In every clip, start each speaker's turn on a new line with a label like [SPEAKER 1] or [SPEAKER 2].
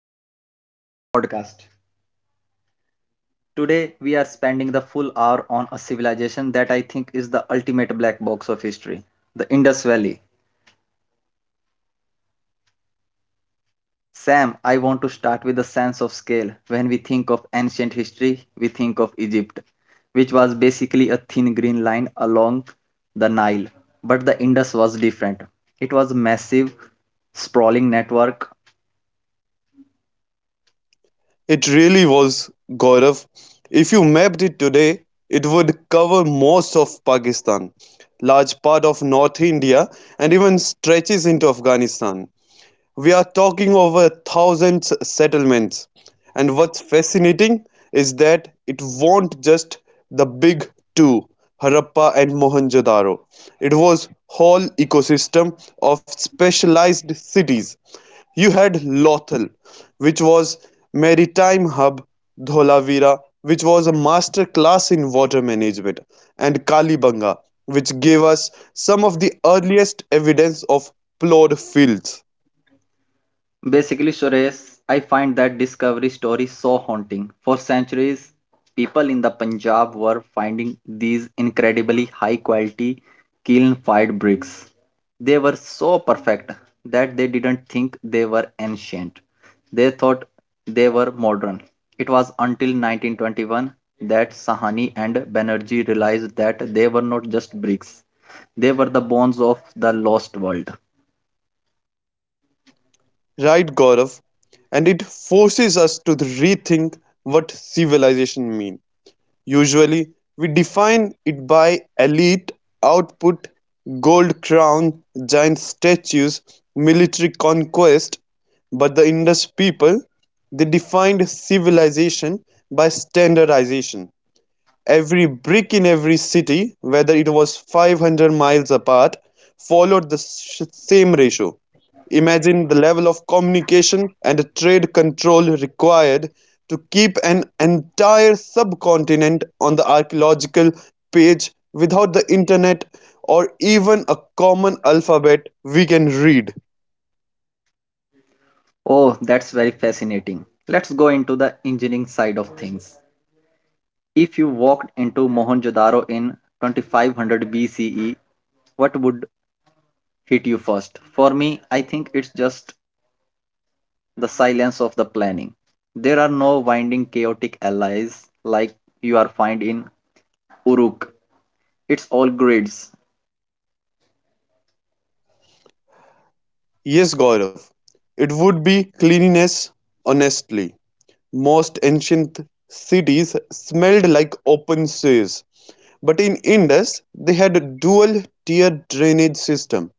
[SPEAKER 1] back to the our podcast. Today we are spending the full hour on a civilization that I think is the ultimate black box of history, the Indus Valley. Sam, I want to start with a sense of scale. When we think of ancient history, we think of Egypt, which was basically a thin green line along the Nile. But the Indus was different. It was a massive, sprawling network.
[SPEAKER 2] It really was, Gaurav. If you mapped it today, it would cover most of Pakistan, large part of North India, and even stretches into Afghanistan. We're talking over thousands settlements, and what's fascinating is that it won't just the big two, Harappa and Mohenjo-daro. It was whole ecosystem of specialized cities. You had Lothal, which was maritime hub, Dholavira, which was a master class in water management, and Kalibanga, which gave us some of the earliest evidence of plowed fields.
[SPEAKER 1] Basically, Suresh, I find that discovery story so haunting. For centuries, people in the Punjab were finding these incredibly high quality kiln fired bricks. They were so perfect that they didn't think they were ancient. They thought they were modern. It was until 1921 that Sahani and Banerjee realized that they were not just bricks, they were the bones of the lost world.
[SPEAKER 2] Right, Gaurav, and it forces us to rethink what civilization means. Usually, we define it by elite output, gold crown, giant statues, military conquest, but the Indus people, they defined civilization by standardization. Every brick in every city, whether it was 500 miles apart, followed the same ratio. Imagine the level of communication and trade control required to keep an entire subcontinent on the archaeological page without the internet or even a common alphabet we can read.
[SPEAKER 1] Oh, that's very fascinating. Let's go into the engineering side of things. If you walked into Mohenjo-daro in 2500 BCE, what would hit you first? For me, I think it's just the silence of the planning. There are no winding chaotic allies like you are find in Uruk. It's all grids.
[SPEAKER 2] Yes, Gaurav, it would be cleanliness, honestly. Most ancient cities smelled like open sewers, but in Indus they had a dual-tier drainage system.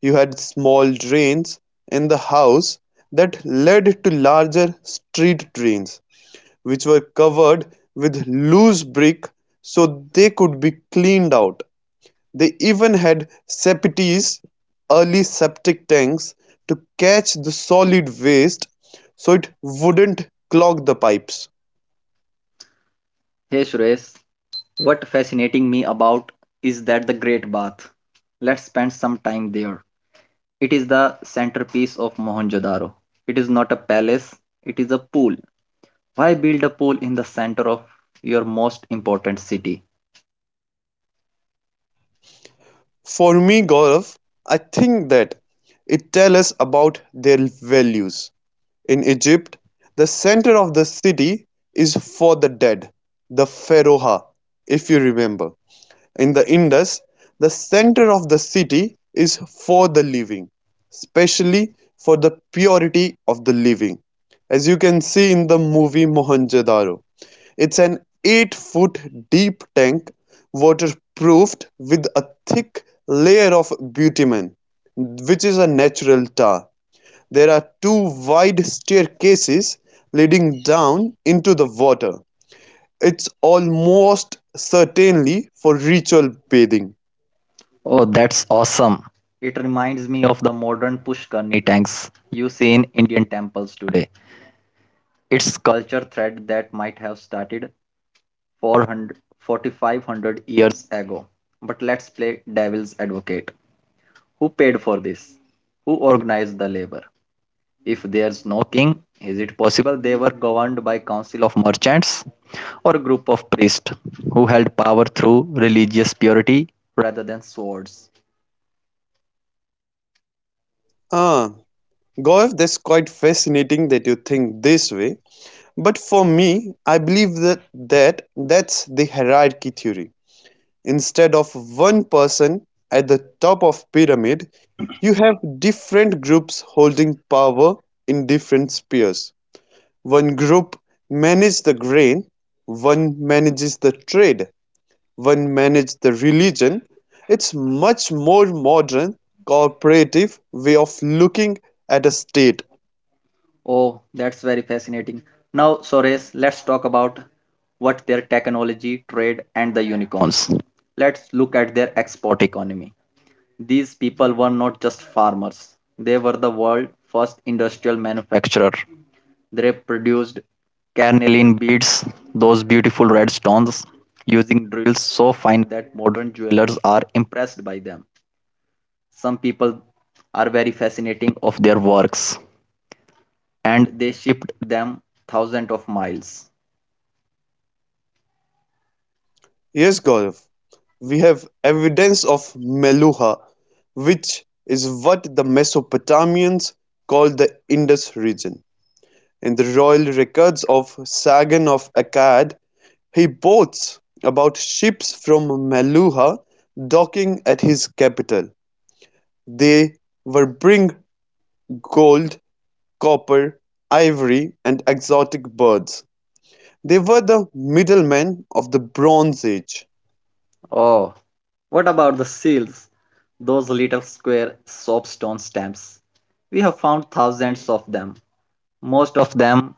[SPEAKER 2] You had small drains in the house that led to larger street drains, which were covered with loose brick so they could be cleaned out. They even had septies, early septic tanks, to catch the solid waste so it wouldn't clog the pipes.
[SPEAKER 1] Hey Suresh, what fascinating me about is that the Great Bath. Let's spend some time there. It is the centerpiece of Mohenjo-daro. It is not a palace, it is a pool. Why build a pool in the center of your most important city?
[SPEAKER 2] For me, Gaurav, I think that it tells us about their values. In Egypt, the center of the city is for the dead, the Pharaoh, if you remember. In the Indus, the center of the city is for the living, especially for the purity of the living, as you can see in the movie Mohenjo-daro. It's an 8-foot deep tank, waterproofed with a thick layer of bitumen, which is a natural tar. There are two wide staircases leading down into the water. It's almost certainly for ritual bathing.
[SPEAKER 1] Oh, that's awesome. It reminds me of the modern Pushkarni tanks you see in Indian temples today. It's culture thread that might have started 400 4500 years ago. But let's play devil's advocate. Who paid for this? Who organized the labor? If there's no king, is it possible they were governed by council of merchants or a group of priests who held power through religious purity rather than swords?
[SPEAKER 2] Ah, Gaurav, that's quite fascinating that you think this way. But for me, I believe that that's the hierarchy theory. Instead of one person at the top of pyramid, you have different groups holding power in different spheres. One group manages the grain, one manages the trade, one manages the religion. It's much more modern cooperative way of looking at a state.
[SPEAKER 1] Oh, that's very fascinating. Now, Sores, let's talk about what their technology, trade, and the unicorns. Let's look at their export economy. These people were not just farmers, they were the world's first industrial manufacturer. They produced carnelian beads, those beautiful red stones, using drills so fine that modern jewelers are impressed by them. Some people are very fascinating of their works and they shipped them thousands of miles.
[SPEAKER 2] Yes, Gaurav, we have evidence of Meluha, which is what the Mesopotamians called the Indus region. In the royal records of Sagan of Akkad, he boasts about ships from Maluha docking at his capital. They were-bring gold, copper, ivory and exotic birds. They were the middlemen of the Bronze Age.
[SPEAKER 1] Oh, what about the seals? Those little square soapstone stamps. We have found thousands of them. Most of them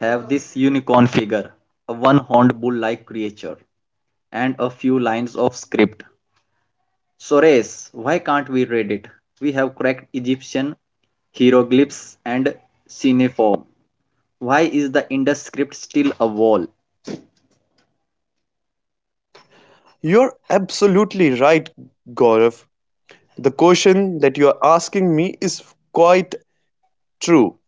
[SPEAKER 1] have this unicorn figure, a one horned bull like creature, and a few lines of script. Sores, why can't we read it? We have cracked Egyptian hieroglyphs and cuneiform. Why is the Indus script still a wall?
[SPEAKER 2] You're absolutely right, Gaurav. The question that you are asking me is quite true.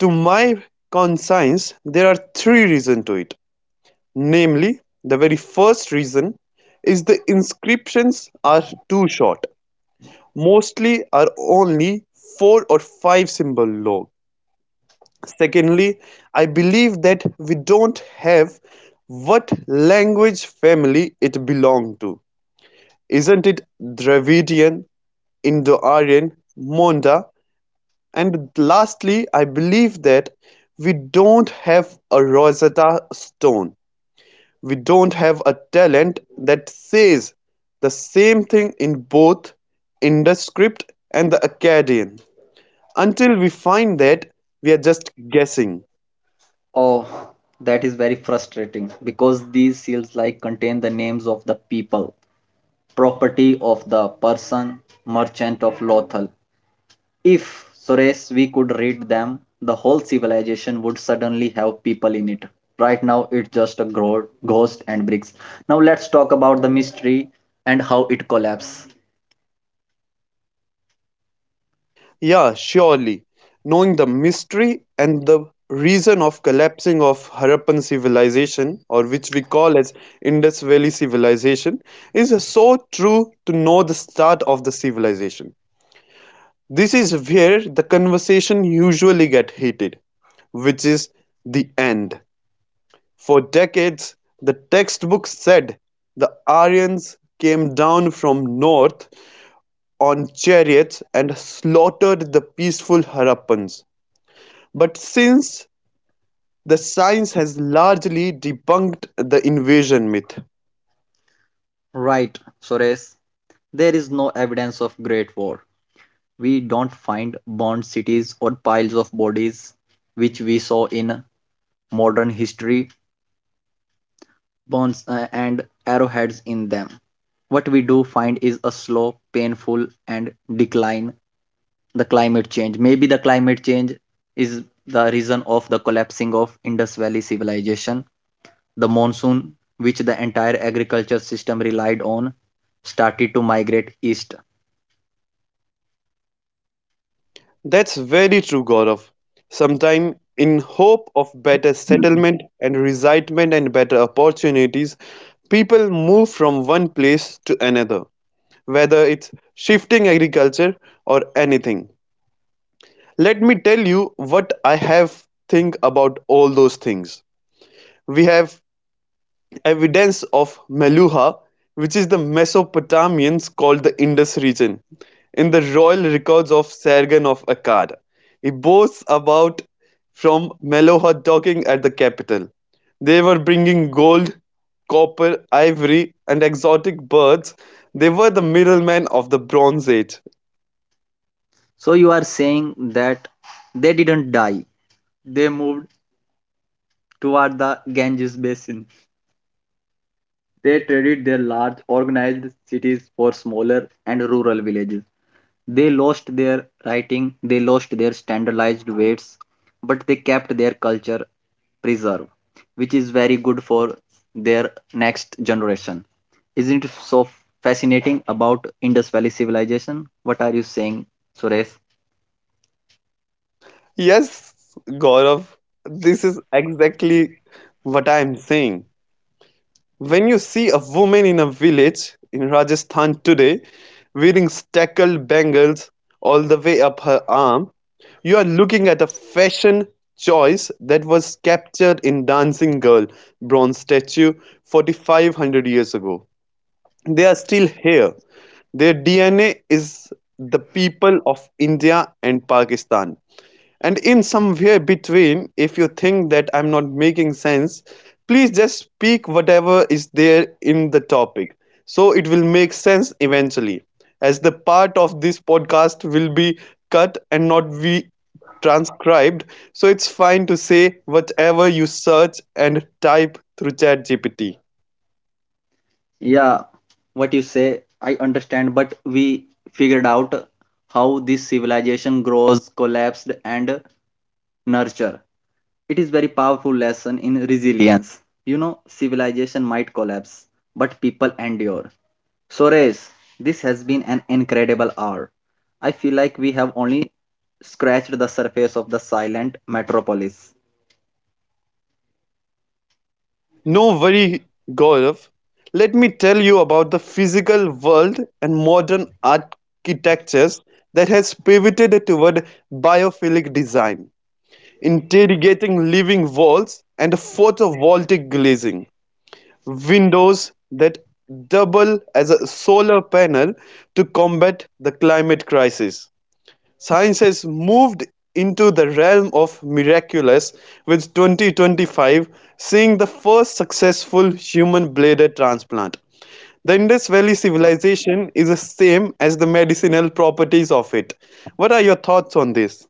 [SPEAKER 2] To my conscience, there are three reasons to it. Namely, the very first reason is the inscriptions are too short, mostly are only 4 or 5 symbol long. Secondly, I believe that we don't have what language family it belonged to. Isn't it Dravidian, Indo-Aryan, Monda? And lastly, I believe that we don't have a Rosetta Stone. We don't have a talent that says the same thing in both in the script and the Akkadian. Until we find that, we are just guessing.
[SPEAKER 1] Oh, that is very frustrating because these seals like contain the names of the people, property of the person, merchant of Lothal. If, Suresh, we could read them, the whole civilization would suddenly have people in it. Right now, it's just a ghost and bricks. Now, let's talk about the mystery and how it collapsed.
[SPEAKER 2] Yeah, surely. Knowing the mystery and the reason of collapsing of Harappan civilization, or which we call as Indus Valley civilization, is so true to know the start of the civilization. This is where the conversation usually gets heated, which is the end. For decades, the textbooks said the Aryans came down from north on chariots and slaughtered the peaceful Harappans. But since the science has largely debunked the invasion myth.
[SPEAKER 1] Right, Suresh, there is no evidence of Great War. We don't find burned cities or piles of bodies, which we saw in modern history. Bones and arrowheads in them. What we do find is a slow, painful, and decline the climate change. Maybe the climate change is the reason of the collapsing of Indus Valley civilization. The monsoon, which the entire agriculture system relied on, started to migrate east.
[SPEAKER 2] That's very true, Gaurav. Sometime, in hope of better settlement and resettlement and better opportunities, people move from one place to another, whether it's shifting agriculture or anything. Let me tell you what I have think about all those things. We have evidence of Meluha, which is the Mesopotamians called the Indus region, in the royal records of Sargon of Akkad. He boasts about from Meluha dockings at the capital. They were bringing gold, copper, ivory, and exotic birds. They were the middlemen of the Bronze Age.
[SPEAKER 1] So you are saying that they didn't die. They moved toward the Ganges basin. They traded their large organized cities for smaller and rural villages. They lost their writing, they lost their standardized weights, but they kept their culture preserved, which is very good for their next generation. Isn't it so fascinating about Indus Valley civilization? What are you saying, Suresh?
[SPEAKER 2] Yes, Gaurav, this is exactly what I am saying. When you see a woman in a village in Rajasthan today wearing stackled bangles all the way up her arm, you are looking at a fashion choice that was captured in Dancing Girl bronze statue 4500 years ago. They are still here. Their DNA is the people of India and Pakistan. And in somewhere between, if you think that I'm not making sense, please just speak whatever is there in the topic. So it will make sense eventually. As the part of this podcast will be cut and not be transcribed, so it's fine to say whatever you search and type through ChatGPT.
[SPEAKER 1] Yeah, what you say, I understand, but we figured out how this civilization grows, collapsed, and nurture. It is very powerful lesson in resilience. You know, civilization might collapse, but people endure. So Suresh, this has been an incredible hour. I feel like we have only scratched the surface of the silent metropolis.
[SPEAKER 2] No worry, Gaurav. Let me tell you about the physical world and modern architectures that has pivoted toward biophilic design, interrogating living walls and photovoltaic glazing, windows that double as a solar panel to combat the climate crisis. Science has moved into the realm of miraculous with "2025" seeing the first successful human bladder transplant. The Indus Valley civilization is the same as the medicinal properties of it. What are your thoughts on this?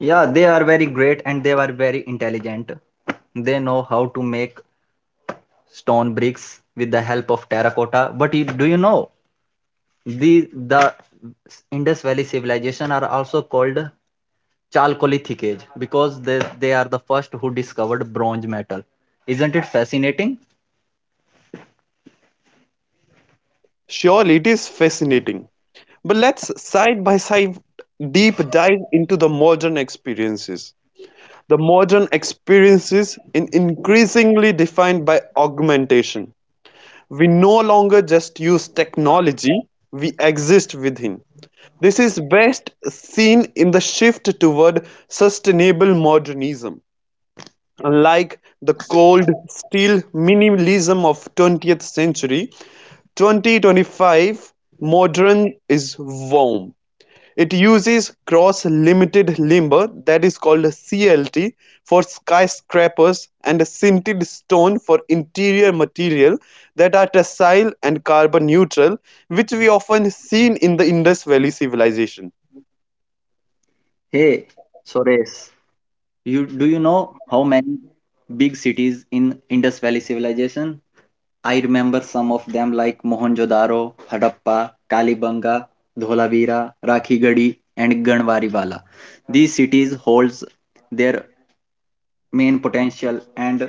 [SPEAKER 1] Yeah, they are very great and they are very intelligent. They know how to make stone bricks with the help of terracotta. But you, do you know the Indus Valley civilization are also called Chalcolithic Age because they are the first who discovered bronze metal. Isn't it fascinating?
[SPEAKER 2] Surely it is fascinating. But let's side by side deep dive into the modern experiences. The modern experiences in increasingly defined by augmentation. We no longer just use technology, we exist within. This is best seen in the shift toward sustainable modernism. Unlike the cold steel minimalism of 20th century, 2025 modern is warm. It uses cross-limited limber that is called clt for skyscrapers and sintered stone for interior material that are tessile and carbon neutral, which we often seen in the Indus Valley civilization.
[SPEAKER 1] Hey, Sores, you do you know how many big cities in Indus Valley civilization? I remember some of them like Mohenjo-daro, Hadappa, Kalibanga, Dholavira, Rakhigadi, and Ganwariwala. These cities holds their main potential and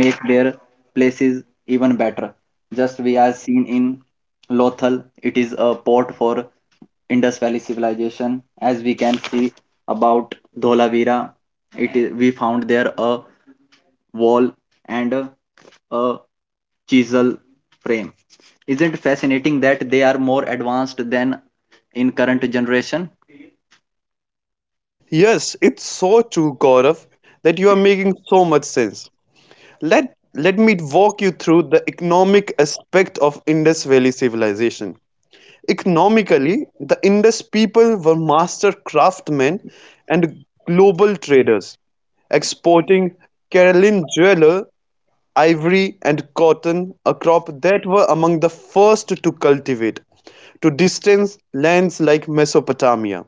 [SPEAKER 1] make their places even better. Just we are seen in Lothal, it is a port for Indus Valley civilization. As we can see about Dholavira, it is we found there a wall and a chisel frame. Isn't fascinating that they are more advanced than in current generation?
[SPEAKER 2] Yes, it's so true, Gaurav, that you are making so much sense. Let me walk you through the economic aspect of Indus Valley civilization. Economically, the Indus people were master craftsmen and global traders, exporting Caroline jewelry, ivory, and cotton, a crop that were among the first to cultivate, to distant lands like Mesopotamia.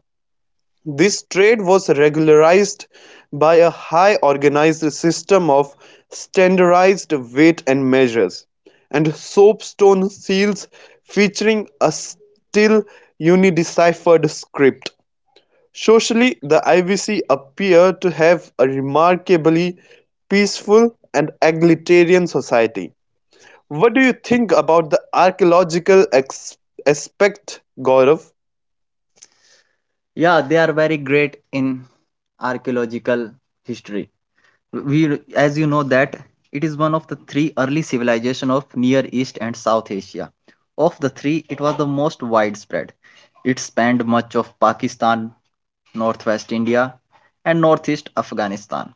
[SPEAKER 2] This trade was regularized by a highly organized system of standardized weights and measures and soapstone seals featuring a still undeciphered script. Socially, the IVC appear to have a remarkably peaceful and egalitarian society. What do you think about the archaeological aspect, Gaurav?
[SPEAKER 1] Yeah, they are very great in archaeological history. We as you know that it is one of the three early civilization of near east and south asia of the three it was the most widespread. It spanned much of Pakistan, northwest India, and northeast Afghanistan.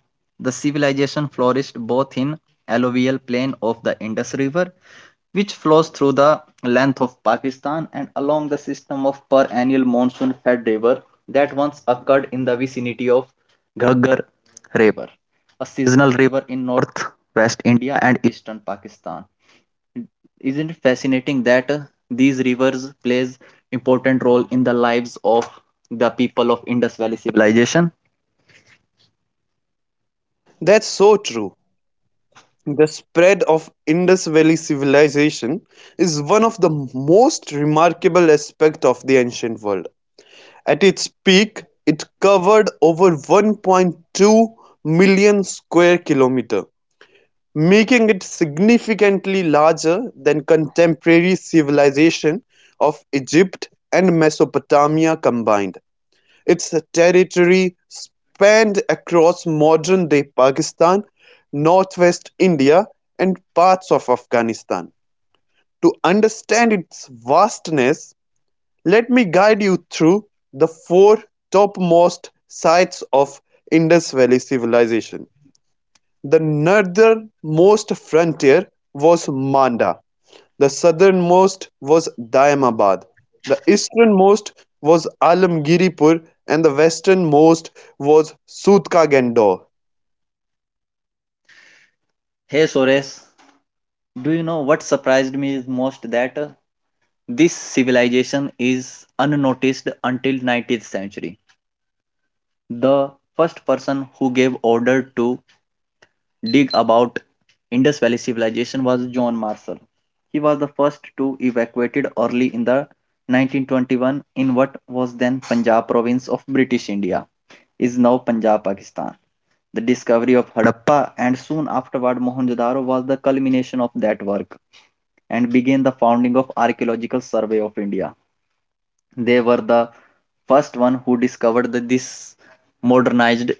[SPEAKER 1] The civilization flourished both in alluvial plain of the Indus river, which flows through the length of Pakistan and along the system of perennial monsoon fed river that once occurred in the vicinity of Ghaggar river, a seasonal river in northwest India and eastern Pakistan. Isn't it fascinating that these rivers plays important role in the lives of the people of Indus Valley civilization?
[SPEAKER 2] That's so true. The spread of Indus Valley civilization is one of the most remarkable aspects of the ancient world. At its peak, it covered over 1.2 million square kilometers, making it significantly larger than contemporary civilization of Egypt and Mesopotamia combined. Its territory spanned across modern-day Pakistan, northwest India, and parts of Afghanistan. To understand its vastness, let me guide you through the four topmost sites of Indus Valley Civilization. The northernmost frontier was Manda, the southernmost was Daimabad, the easternmost was Alamgirpur, and the westernmost was Sootkandagar.
[SPEAKER 1] Hey Suresh, do you know what surprised me is most that this civilization is unnoticed until 19th century. The first person who gave order to dig about Indus Valley civilization was John Marshall. He was the first to evacuated early in the 1921 in what was then Punjab province of British India, is now Punjab, Pakistan. The discovery of Harappa and soon afterward Mohenjo-daro was the culmination of that work and began the founding of Archaeological Survey of India. They were the first one who discovered the, this modernized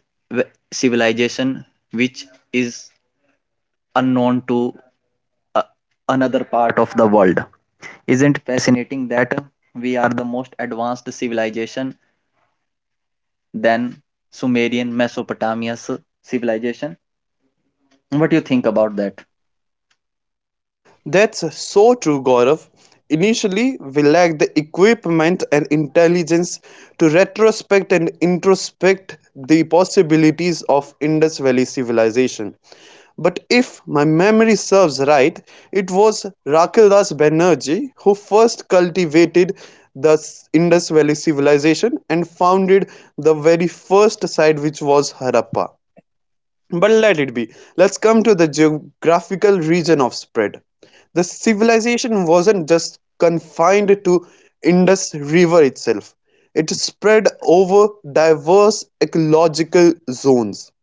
[SPEAKER 1] civilization which is unknown to uh, another part of the world. Isn't fascinating that we are the most advanced civilization than Sumerian Mesopotamia's civilization? What do you think about that?
[SPEAKER 2] That's so true, Gaurav. Initially, we lacked the equipment and intelligence to retrospect and introspect the possibilities of Indus Valley civilization. But if my memory serves right, it was Rakildas Banerjee who first cultivated the Indus Valley civilization and founded the very first site, which was Harappa. But let it be. Let's come to the geographical region of spread. The civilization wasn't just confined to Indus River itself. It spread over diverse ecological zones.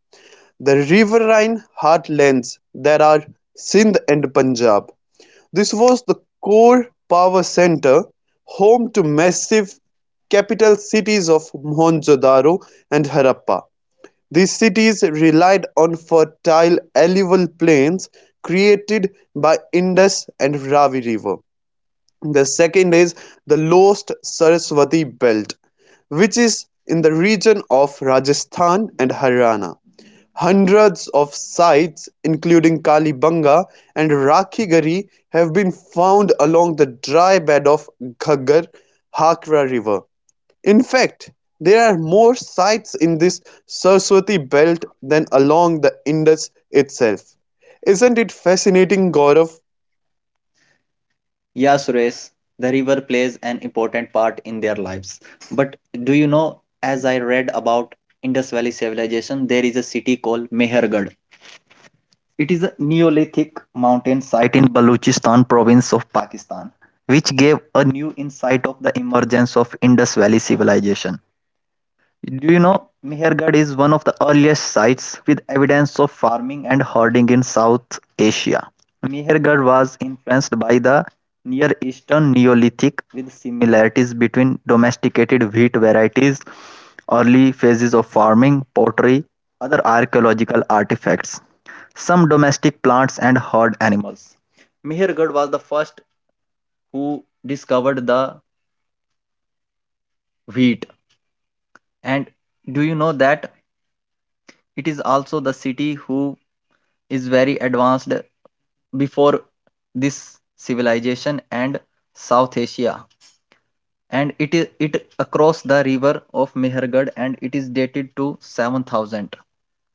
[SPEAKER 2] The riverine heartlands that are Sindh and Punjab. This was the core power center, home to massive capital cities of Mohenjo-daro and Harappa. These cities relied on fertile alluvial plains created by Indus and Ravi River. The second is the Lost Saraswati belt, which is in the region of Rajasthan and Haryana. Hundreds of sites, including Kalibanga and Rakhi have been found along the dry bed of Ghaggar Hakra River. In fact, there are more sites in this Saraswati belt than along the Indus itself. Isn't it fascinating, Gaurav?
[SPEAKER 1] Yeah, Suresh, the river plays an important part in their lives. But do you know, as I read about Indus Valley civilization, there is a city called Mehergarh. It is a Neolithic mountain site in Baluchistan province of Pakistan, which gave a new insight of the emergence of Indus Valley civilization. Do you know Mehergarh is one of the earliest sites with evidence of farming and herding in South Asia. Mehergarh was influenced by the Near Eastern Neolithic with similarities between domesticated wheat varieties, early phases of farming, pottery, other archaeological artifacts, some domestic plants and herd animals. Mehergarh was the first who discovered the wheat and do you know that it is also the city who is very advanced before this civilization and South Asia. And it is it across the river of Mehergad and it is dated to 7000.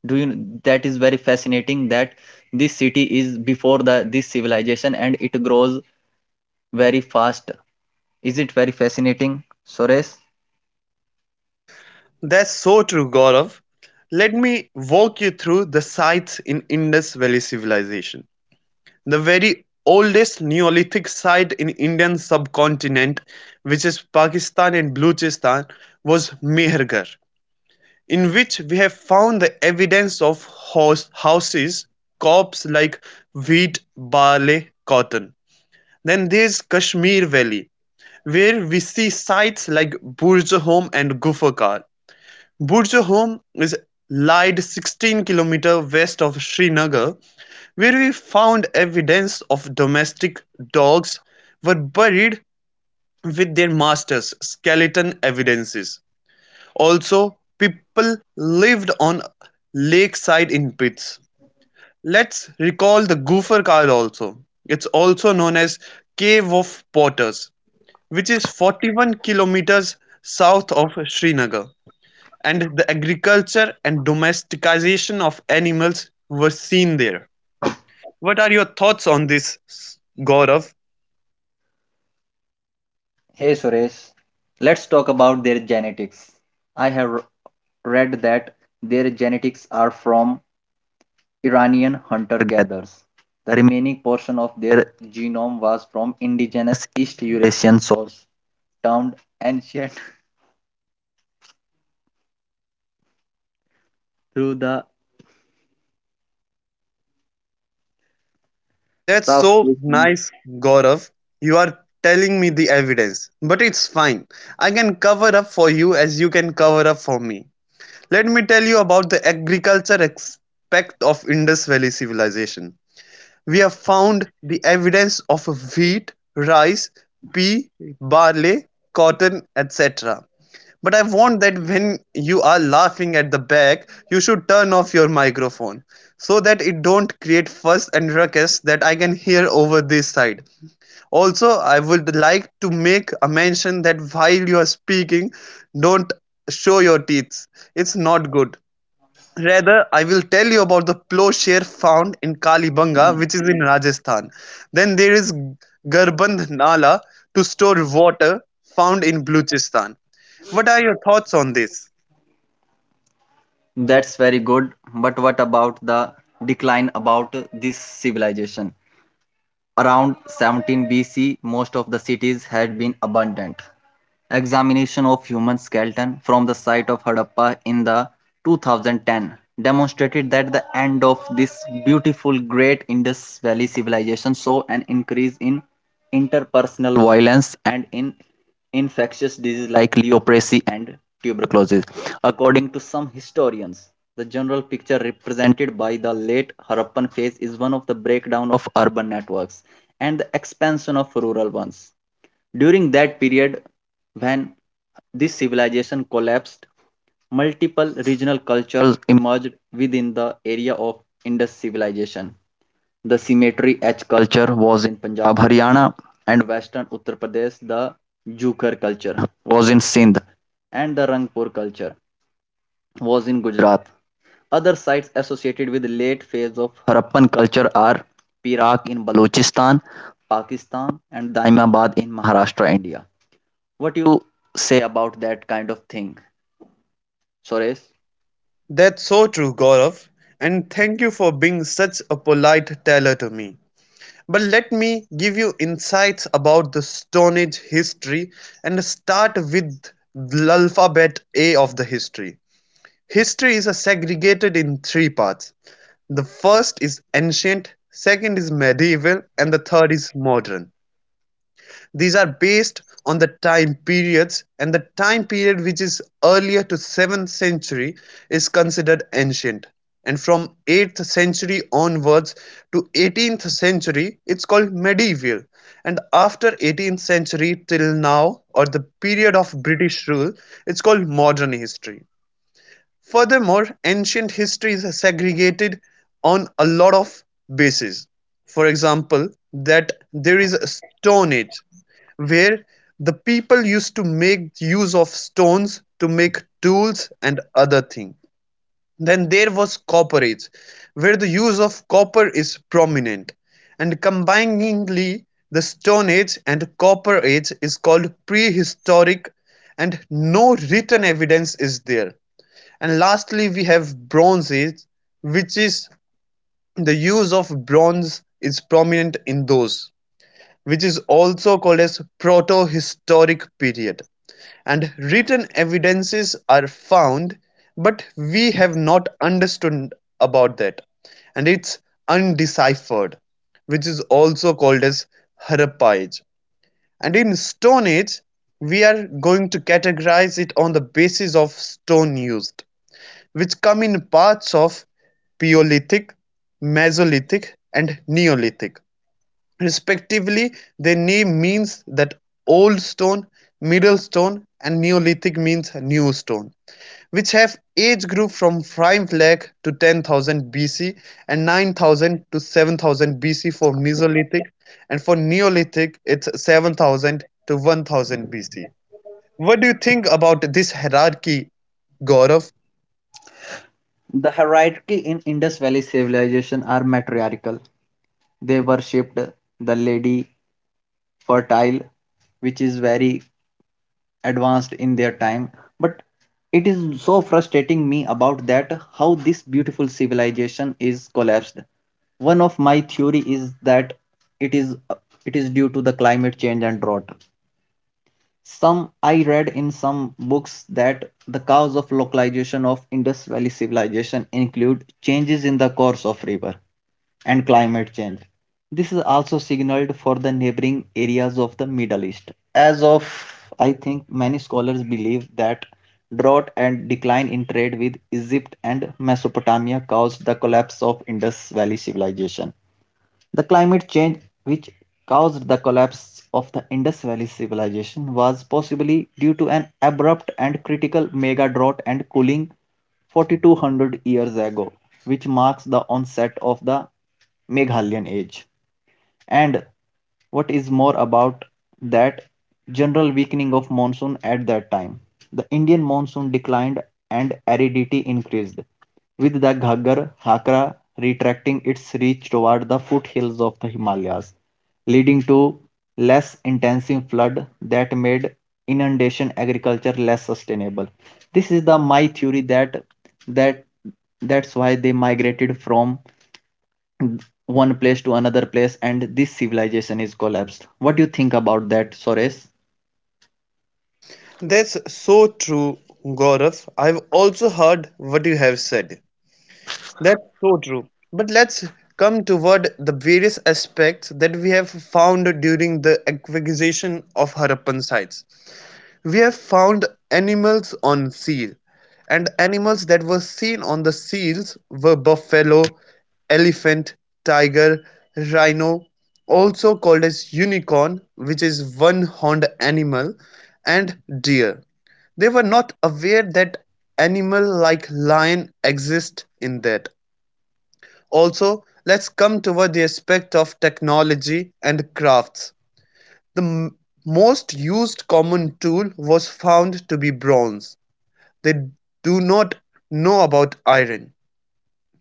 [SPEAKER 1] Do you that is very fascinating that this city is before the this civilization and it grows very fast. Is it very fascinating, Suresh?
[SPEAKER 2] That's so true, Gaurav. Let me walk you through the sites in Indus Valley Civilization. The very oldest Neolithic site in Indian subcontinent, which is Pakistan and Balochistan, was Mehergarh, in which we have found the evidence of horse houses, crops like wheat, barley, cotton. Then there's Kashmir Valley, where we see sites like Burj and Gufakar. Burj is lied 16 kilometers west of Srinagar, where we found evidence of domestic dogs were buried with their masters, skeleton evidences. Also, people lived on lakeside in pits. Let's recall the Gopher Cave also. It's also known as Cave of Potters, which is 41 kilometers south of Srinagar, and the agriculture and domestication of animals were seen there. What are your thoughts on this, Gaurav?
[SPEAKER 1] Hey Suresh, let's talk about their genetics. I have read that their genetics are from Iranian hunter-gatherers. The remaining portion of their genome was from indigenous East Eurasian source, termed ancient through the
[SPEAKER 2] That's
[SPEAKER 1] South
[SPEAKER 2] so
[SPEAKER 1] Asian.
[SPEAKER 2] nice, Gaurav. You are telling me the evidence. But it's fine. I can cover up for you as you can cover up for me. Let me tell you about the agriculture aspect of Indus Valley civilization. We have found the evidence of wheat, rice, pea, barley, cotton, etc. But I want that when you are laughing at the back, you should turn off your microphone so that it don't create fuss and ruckus that I can hear over this side. Also, I would like to make a mention that while you are speaking, don't show your teeth. It's not good. Rather, I will tell you about the plowshare found in Kalibanga, which is in Rajasthan. Then there is Garband Nala to store water found in Balochistan. What are your thoughts on this?
[SPEAKER 1] That's very good, but what about the decline about this civilization? Around 17 BC, most of the cities had been abandoned. Examination of human skeleton from the site of Harappa in the 2010 demonstrated that the end of this beautiful great Indus Valley civilization saw an increase in interpersonal violence and in infectious diseases like leprosy and tuberculosis. According to some historians, the general picture represented by the late Harappan phase is one of the breakdown of urban networks and the expansion of rural ones. During that period, when this civilization collapsed, multiple regional cultures emerged within the area of Indus civilization. The cemetery H culture was in Punjab, Haryana, and western Uttar Pradesh. The Jukhar culture was in Sindh, and the Rangpur culture was in Gujarat. Other sites associated with late phase of Harappan culture are Pirak in Balochistan, Pakistan, and Daimabad in Maharashtra, India. What you say about that kind of thing, Suresh?
[SPEAKER 2] That's so true, Gaurav, and thank you for being such a polite teller to me. But let me give you insights about the Stone Age history and start with the alphabet A of the history. History is segregated in three parts. The first is ancient, second is medieval, and the third is modern. These are based on the time periods, and the time period which is earlier to seventh century is considered ancient, and from eighth century onwards to eighteenth century it's called medieval, and after eighteenth century till now or the period of British rule it's called modern history. Furthermore, ancient history is segregated on a lot of bases, for example that there is a Stone Age, where the people used to make use of stones to make tools and other things. Then there was Copper Age, where the use of copper is prominent, and combiningly the Stone Age and Copper Age is called prehistoric, and no written evidence is there. And lastly we have Bronze Age, which is the use of bronze is prominent in those, which is also called as protohistoric period, and written evidences are found but we have not understood about that, and it's undeciphered, which is also called as Harappa Age. And in Stone Age, we are going to categorize it on the basis of stone used, which come in parts of Paleolithic, Mesolithic and Neolithic, respectively. Their name means that "old stone", "middle stone" and "Neolithic" means "new stone", which have age group from five lakh to 10,000 BC, and 9,000 to 7,000 BC for Mesolithic, and for Neolithic it's 7,000 to 1,000 BC. What do you think about this hierarchy, Gaurav?
[SPEAKER 1] The hierarchy in Indus Valley civilization are matriarchal. They worshipped the lady fertile, which is very advanced in their time, but it is so frustrating me about that how this beautiful civilization is collapsed. One of my theory is that it is it is due to the climate change and drought. Some I read in some books that the cause of localization of Indus Valley civilization include changes in the course of river and climate change. This is also signaled for the neighboring areas of the Middle East. As of I think many scholars believe that drought and decline in trade with Egypt and Mesopotamia caused the collapse of Indus Valley civilization. The climate change which caused the collapse of the Indus Valley civilization was possibly due to an abrupt and critical mega drought and cooling 4,200 years ago, which marks the onset of the Meghalian age. And what is more about that general weakening of monsoon at that time, the Indian monsoon declined and aridity increased, with the Ghaggar Hakra retracting its reach toward the foothills of the Himalayas, leading to less intensive flood that made inundation agriculture less sustainable. This is the my theory that that that's why they migrated from one place to another place and this civilization is collapsed. What do you think about that, Suresh?
[SPEAKER 2] That's so true, Gaurav. I've also heard what you have said. That's so true. But let's come toward the various aspects that we have found during the acquisition of Harappan sites. We have found animals on seal, and animals that were seen on the seals were buffalo, elephant, tiger, rhino, also called as unicorn, which is one horned animal, and deer. They were not aware that animal like lion exist in that. Also, let's come toward the aspect of technology and crafts. The most used common tool was found to be bronze. They do not know about iron.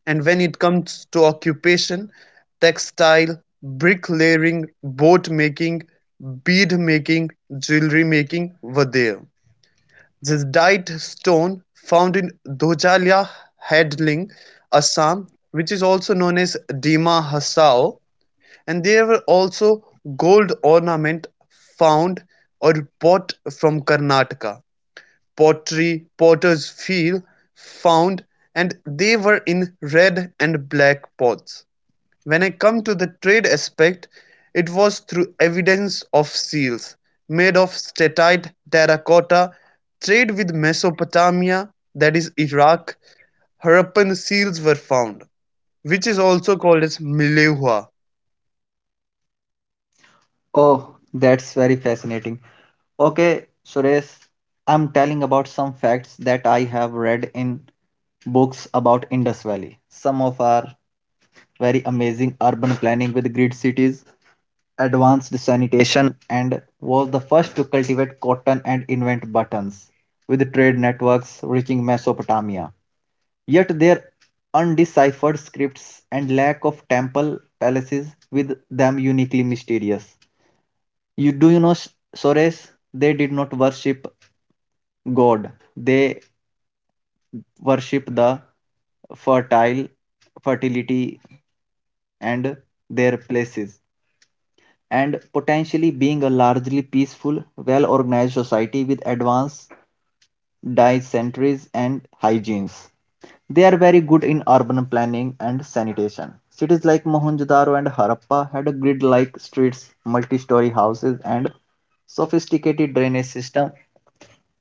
[SPEAKER 2] And when it comes to occupation, textile, bricklaying, boat making, bead making, jewelry making were there. This dyed stone found in Dojalia Hadling, Assam, which is also known as Dima Hasao, and there were also gold ornament found or bought from Karnataka, pottery, potter's wheel found, and they were in red and black pots. When I come to the trade aspect, it was through evidence of seals made of statite terracotta, trade with Mesopotamia, that is Iraq, Harappan seals were found, which is also called as Milehua.
[SPEAKER 1] Oh, that's very fascinating. Okay Suresh, I'm telling about some facts that I have read in books about Indus Valley. Some of are very amazing urban planning with grid cities, advanced sanitation, and was the first to cultivate cotton and invent buttons with trade networks reaching Mesopotamia. Yet their undeciphered scripts and lack of temple palaces with them uniquely mysterious. You do you know Sores? They did not worship God. They worship the fertile fertility and their places and potentially being a largely peaceful well organized society with advanced dysenteries and hygienes. They are very good in urban planning and sanitation. Cities like Mohenjo-daro and Harappa had grid-like streets, multi-story houses, and sophisticated drainage system,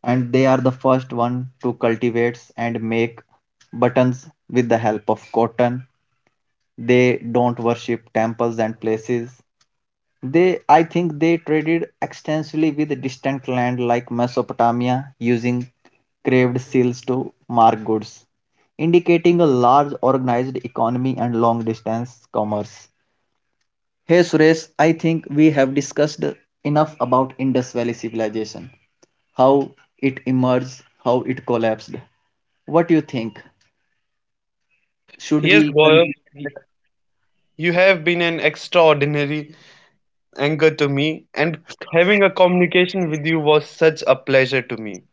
[SPEAKER 1] and they are the first one to cultivate and make buttons with the help of cotton. They don't worship temples and places they, I think, they traded extensively with distant land like Mesopotamia, using craved seals to mark goods, indicating a large organized economy and long distance commerce. Hey Suresh, I think we have discussed enough about Indus Valley civilization, how it emerged, how it collapsed. What do you think? Should
[SPEAKER 2] Yes,
[SPEAKER 1] we
[SPEAKER 2] Gaurav,
[SPEAKER 1] conclude that?
[SPEAKER 2] you have been an extraordinary anchor to me, and having a communication with you was such a pleasure to me.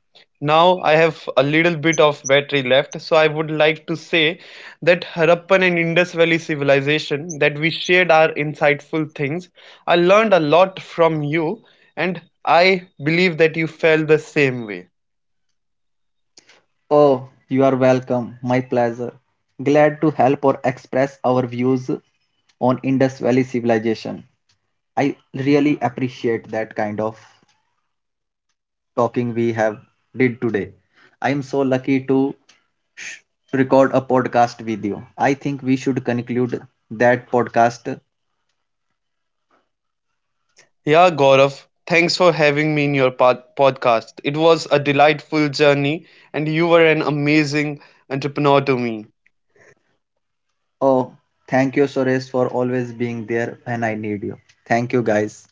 [SPEAKER 2] Now I have a little bit of battery left, so I would like to say that Harappan and Indus Valley civilization that we shared are insightful things. I learned a lot from you, and I believe that you felt the same way.
[SPEAKER 1] Oh, you are welcome. My pleasure. Glad to help or express our views on Indus Valley civilization. I really appreciate that kind of talking we have did today. I am so lucky to sh- record a podcast with you. I think we should conclude that podcast.
[SPEAKER 2] Yeah, Gaurav, thanks for having me in your podcast. It was a delightful journey, and you were an amazing entrepreneur to me.
[SPEAKER 1] Oh, thank you, Suresh, for always being there when I need you. Thank you, guys.